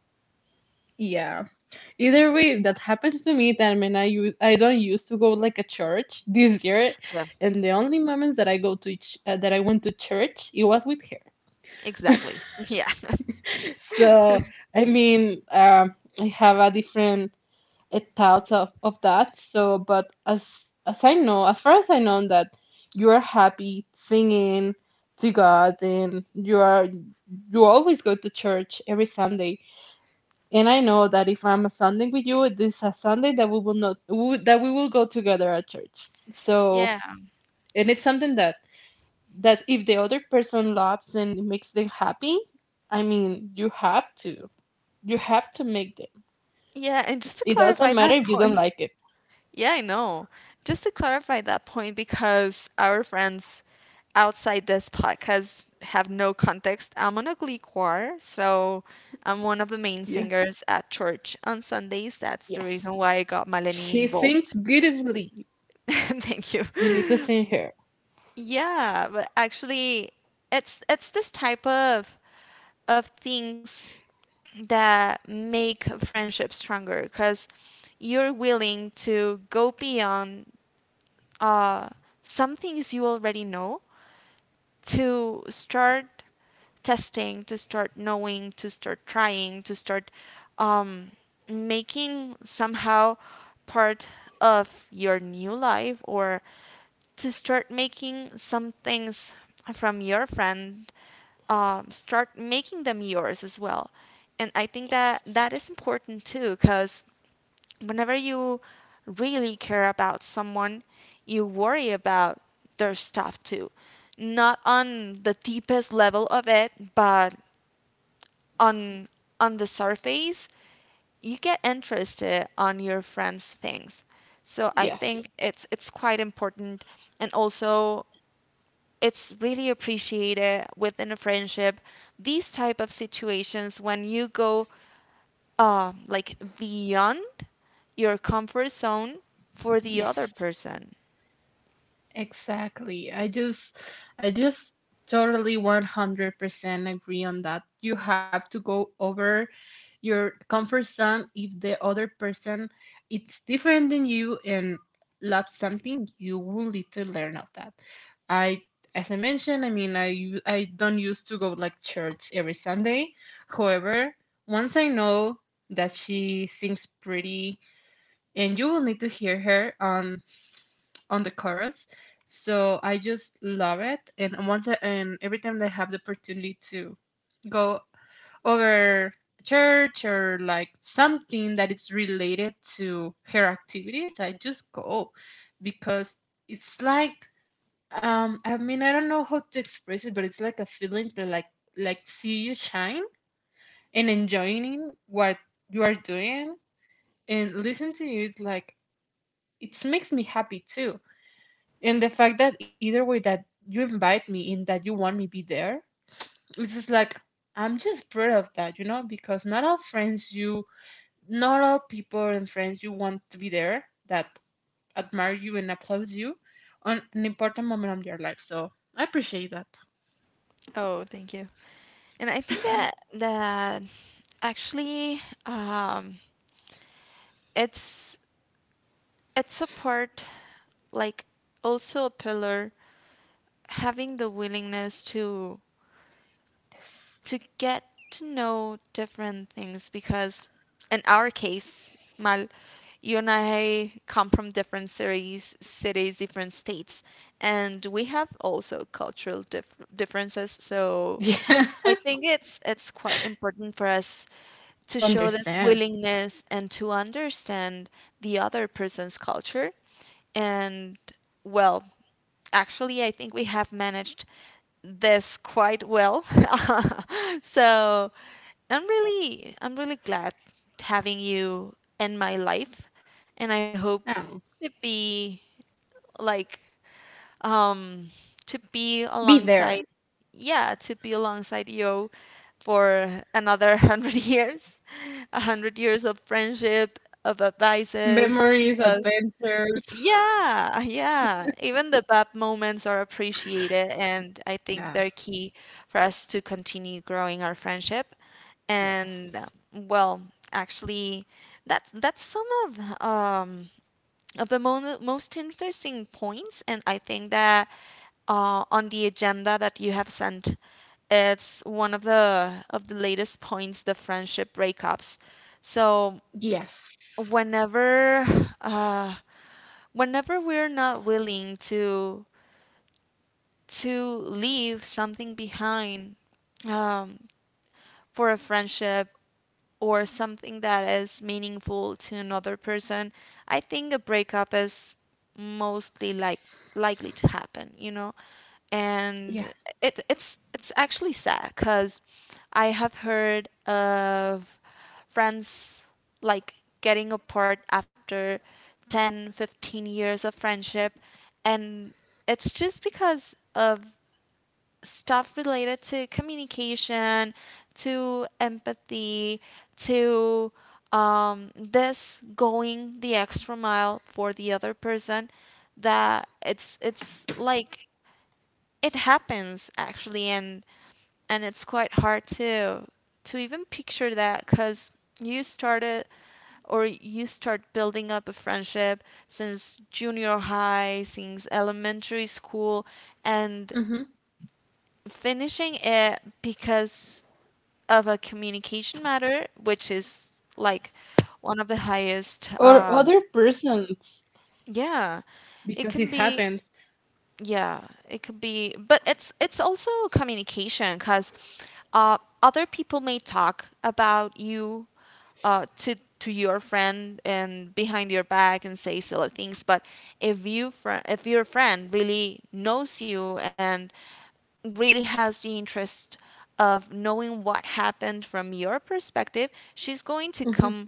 A: Yeah. Either way, that happens to me that I mean, I don't used to go like a church this year,
B: Yeah.
A: and the only moments that I go to each, that I went to church, it was with her.
B: Exactly. Yeah.
A: So I mean, I have a different thoughts of that. So, but as far as I know, that you are happy singing to God, and you always go to church every Sunday. And I know that if I'm a Sunday with you, this is a Sunday that we will not w- that we will go together at church. So,
B: Yeah.
A: and it's something that if the other person loves and it makes them happy, I mean, you have to make them.
B: Yeah, and just to
A: It doesn't
B: clarify
A: matter
B: that
A: if you don't
B: point,
A: like it.
B: yeah, I know. Just to clarify that point, because our friends outside this podcast have no context, I'm on a glee choir, so I'm one of the main
A: Yeah.
B: singers at church on Sundays. That's the
A: Yes.
B: reason why I got Maleni
A: She sings
B: involved.
A: beautifully.
B: Thank you.
A: We need to sing her.
B: Yeah, but actually, it's this type of things that make a friendship stronger, because you're willing to go beyond uh, some things you already know, to start testing, to start knowing, to start trying, to start um, making somehow part of your new life, or to start making some things from your friend, start making them yours as well. And I think that that
A: Yes.
B: is important too, because whenever you really care about someone, you worry about their stuff too. Not on the deepest level of it, but on the surface, you get interested on your friends' things. So I think
A: Yes.
B: it's quite important, and also it's really appreciated within a friendship, these type of situations when you go like beyond your comfort zone for the other
A: Yes.
B: person.
A: Exactly. I just totally 100% agree on that. You have to go over your comfort zone if the other person it's different than you and loves something, you will need to learn of that. I as I mentioned, I mean, I don't used to go like church every Sunday. However, once I know that she sings pretty and you will need to hear her on the chorus. So I just love it. And every time that I have the opportunity to go over church or like something that is related to her activities, I just go because it's like I mean I don't know how to express it, but it's like a feeling to like see you shine and enjoying what you are doing and listen to you. It's like it makes me happy too, and the fact that either way that you invite me and that you want me be there, it's just like I'm just proud of that, you know, because not all people and friends you want to be there that admire you and applaud you on an important moment of your life. So I appreciate that.
B: Oh, thank you. And I think that actually um, it's it's a part, like also a pillar, having the willingness to
A: Yes.
B: get to know different things, because in our case, Mal, you and I come from different cities, different states, and we have also cultural differences. So
A: Yeah.
B: I think it's quite important for us to
A: To
B: show this
A: understand.
B: willingness and to understand the other person's culture and well, actually, I think we have managed this quite well. So I'm really glad having you in my life, and I hope
A: Oh,
B: to be like, um, to be
A: be there.
B: alongside, yeah, to be alongside you for another 100 years, a 100 years of friendship, of advices,
A: Memories,
B: of
A: adventures.
B: yeah, yeah. Even the bad moments are appreciated, and I think
A: Yeah.
B: they're key for us to continue growing our friendship. And
A: Yes.
B: well, actually, that's some of the mo most interesting points, and I think that on the agenda that you have sent, it's one of the latest points, the friendship breakups. So
A: Yes.
B: whenever uh whenever we're not willing to leave something behind um, for a friendship or something that is meaningful to another person, I think a breakup is mostly likely to happen, you know?
A: Yeah.
B: And it's actually sad cuz I have heard of friends like getting apart after 10, 15 years of friendship, and it's just because of stuff related to communication, to empathy, to this going the extra mile for the other person. That it's like it happens actually, and it's quite hard to even picture that because you started you start building up a friendship since junior high, since elementary school, and
A: Hmm.
B: finishing it because of a communication matter, which is like one of the highest.
A: Or other persons
B: Yeah, it
A: because it
B: can be,
A: happens.
B: yeah, it could be, but it's also communication because other people may talk about you to your friend and behind your back and say silly things, but if your friend really knows you and really has the interest of knowing what happened from your perspective, she's going to
A: Hmm.
B: come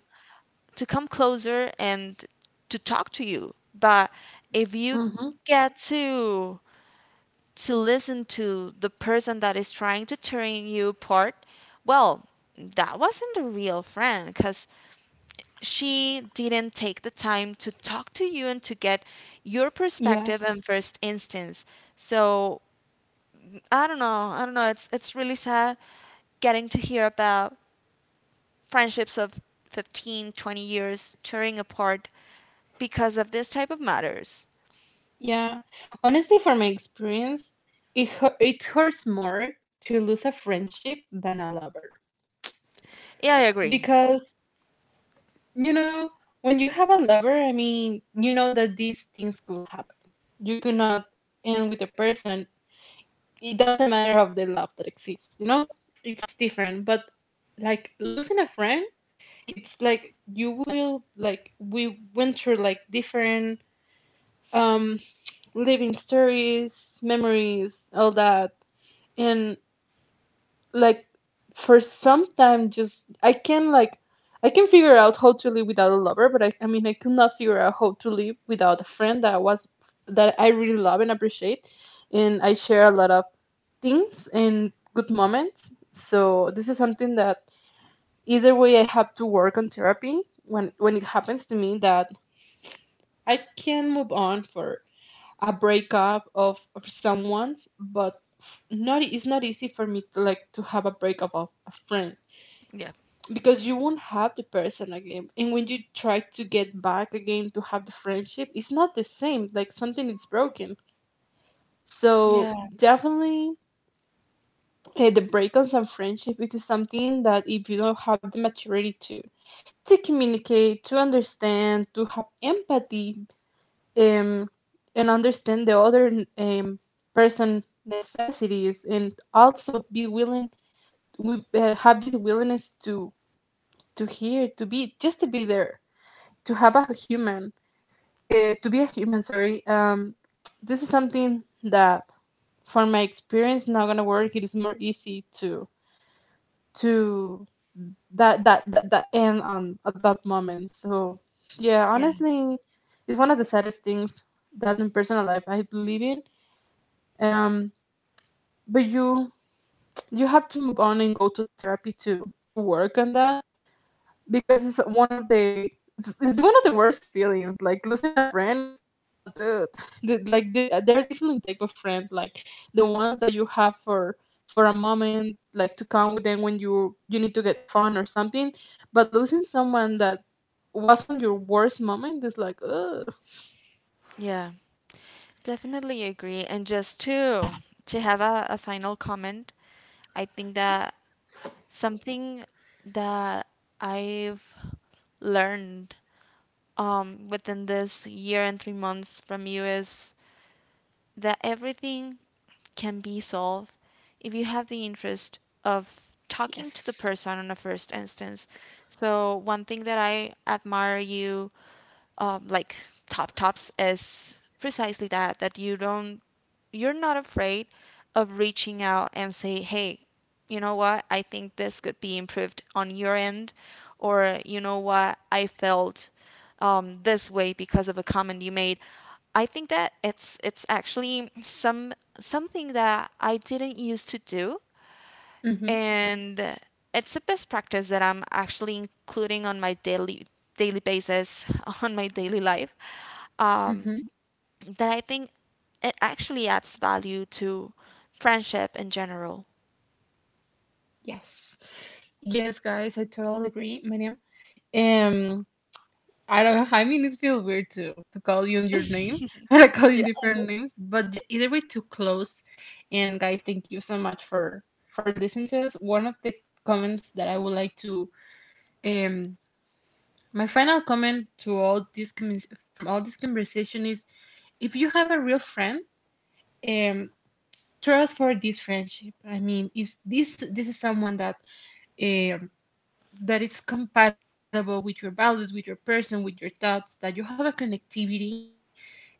B: to come closer and to talk to you. But if you
A: Hmm.
B: get to listen to the person that is trying to tear you apart, well, that wasn't a real friend, because she didn't take the time to talk to you and to get your perspective in
A: Yes.
B: first instance. So I don't know. I don't know. It's really sad getting to hear about friendships of 15, 20 years tearing apart because of this type of matters.
A: Yeah. Honestly, from my experience, it hurts more to lose a friendship than a lover,
B: Yeah, I agree.
A: because you know when you have a lover, I mean, you know that these things could happen. You could not end with a person. It doesn't matter of the love that exists. You know, it's different. But like losing a friend, it's like you will like we went through like different um living stories, memories, all that. And like for some time just I can like I can figure out how to live without a lover, but I mean I could not figure out how to live without a friend that was that I really love and appreciate and I share a lot of things and good moments. So this is something that either way I have to work on therapy when it happens to me that I can move on for a breakup of someone's, but not it's not easy for me to to have a breakup of a friend
B: Yeah.
A: because you won't have the person again. And when you try to get back again to have the friendship, it's not the same. Like something is broken. So
B: Yeah.
A: definitely, the breakups and friendship it is something that if you don't have the maturity to communicate, to understand, to have empathy, um, and understand the other person necessities and also be willing we have this willingness to hear to be just to be there to have a human to be a human, sorry. This is something that from my experience not gonna work. It is more easy to to that that end on at that moment. So yeah,
B: Yeah.
A: honestly, it's one of the saddest things that in personal life I believe in. um but you have to move on and go to therapy to work on that, because it's one of the it's one of the worst feelings. Like losing a friend is like ah dude. Like there are different type of friends like the ones that you have for a moment like to come with them when you need to get fun or something, but losing someone that wasn't your worst moment is like ugh.
B: Yeah. Definitely agree. And just to have a final comment, I think that something that I've learned within this year and 3 months from you is that everything can be solved if you have the interest of talking to the
A: Yes.
B: person on a first instance. So one thing that I admire you like tops is precisely that, that you're not afraid of reaching out and say, hey, you know what, I think this could be improved on your end, or you know what, I felt this way because of a comment you made. I think that it's actually something that I didn't used to do,
A: Mm-hmm.
B: and it's a best practice that I'm actually including on my daily basis on my daily life
A: Mm-hmm.
B: um, that I think it actually adds value to friendship in general.
A: Yes. Yes guys, I totally agree, Mariam. um I don't know. I mean, it feels weird to call you on your name and I call you different names, but either way, too close. And guys, thank you so much for listening to us. One of the comments that I would like to um my final comment to all this from all this conversation is, if you have a real friend, um, trust for this friendship. I mean, if this is someone that um that is compatible with your values, with your person, with your thoughts, that you have a connectivity, and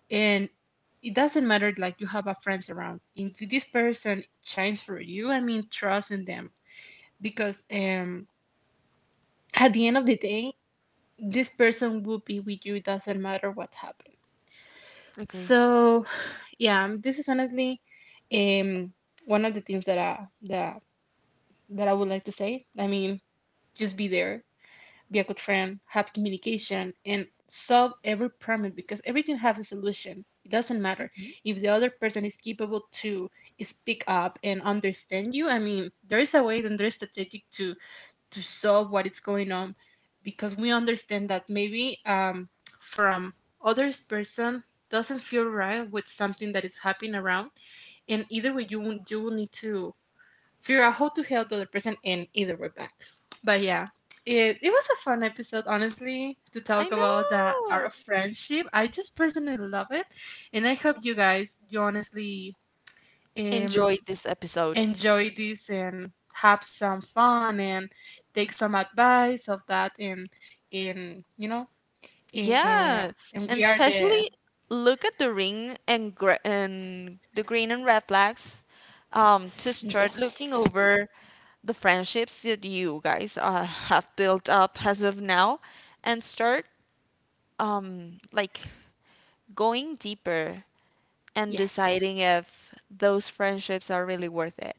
A: it doesn't matter like you have a friends around. If this person shines for you, I mean, trust in them, because at the end of the day this person will be with you. It doesn't matter what's happened.
B: Agree.
A: So yeah, this is honestly um one of the things that that I would like to say. I mean, just be there, be a good friend, have communication, and solve every problem because everything has a solution. It doesn't matter
B: Mhm.
A: if the other person is capable to speak up and understand you. I mean, there is a way and there's strategic to solve what is going on, because we understand that maybe from others person doesn't feel right with something that is happening around, and either way you will need to figure out how to help the other person and either way back. But yeah, it was a fun episode, honestly, to
B: I
A: talk about
B: know.
A: our friendship. I just personally love it. And I hope you guys, you honestly um,
B: Enjoy this episode.
A: enjoy this and have some fun and take some advice of that. And you know,
B: Yeah,
A: and we
B: and
A: are the.
B: especially look at the ring and gr and the green and red flags, to start
A: Yes.
B: looking over the friendships that you guys have built up as of now, and start like going deeper and
A: Yes.
B: deciding if those friendships are really worth it.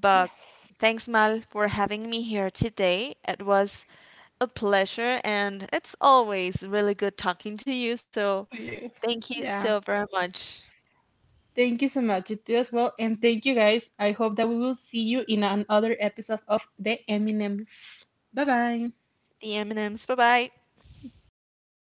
B: But
A: Yes.
B: thanks, Mal, for having me here today. It was a pleasure, and it's always really good talking to you. So
A: To you.
B: thank you so
A: Yeah.
B: very much.
A: Thank you so much, you too as well, and thank you guys. I hope that we will see you in another episode of the Eminems. Bye bye.
B: The M&Ms. Bye bye.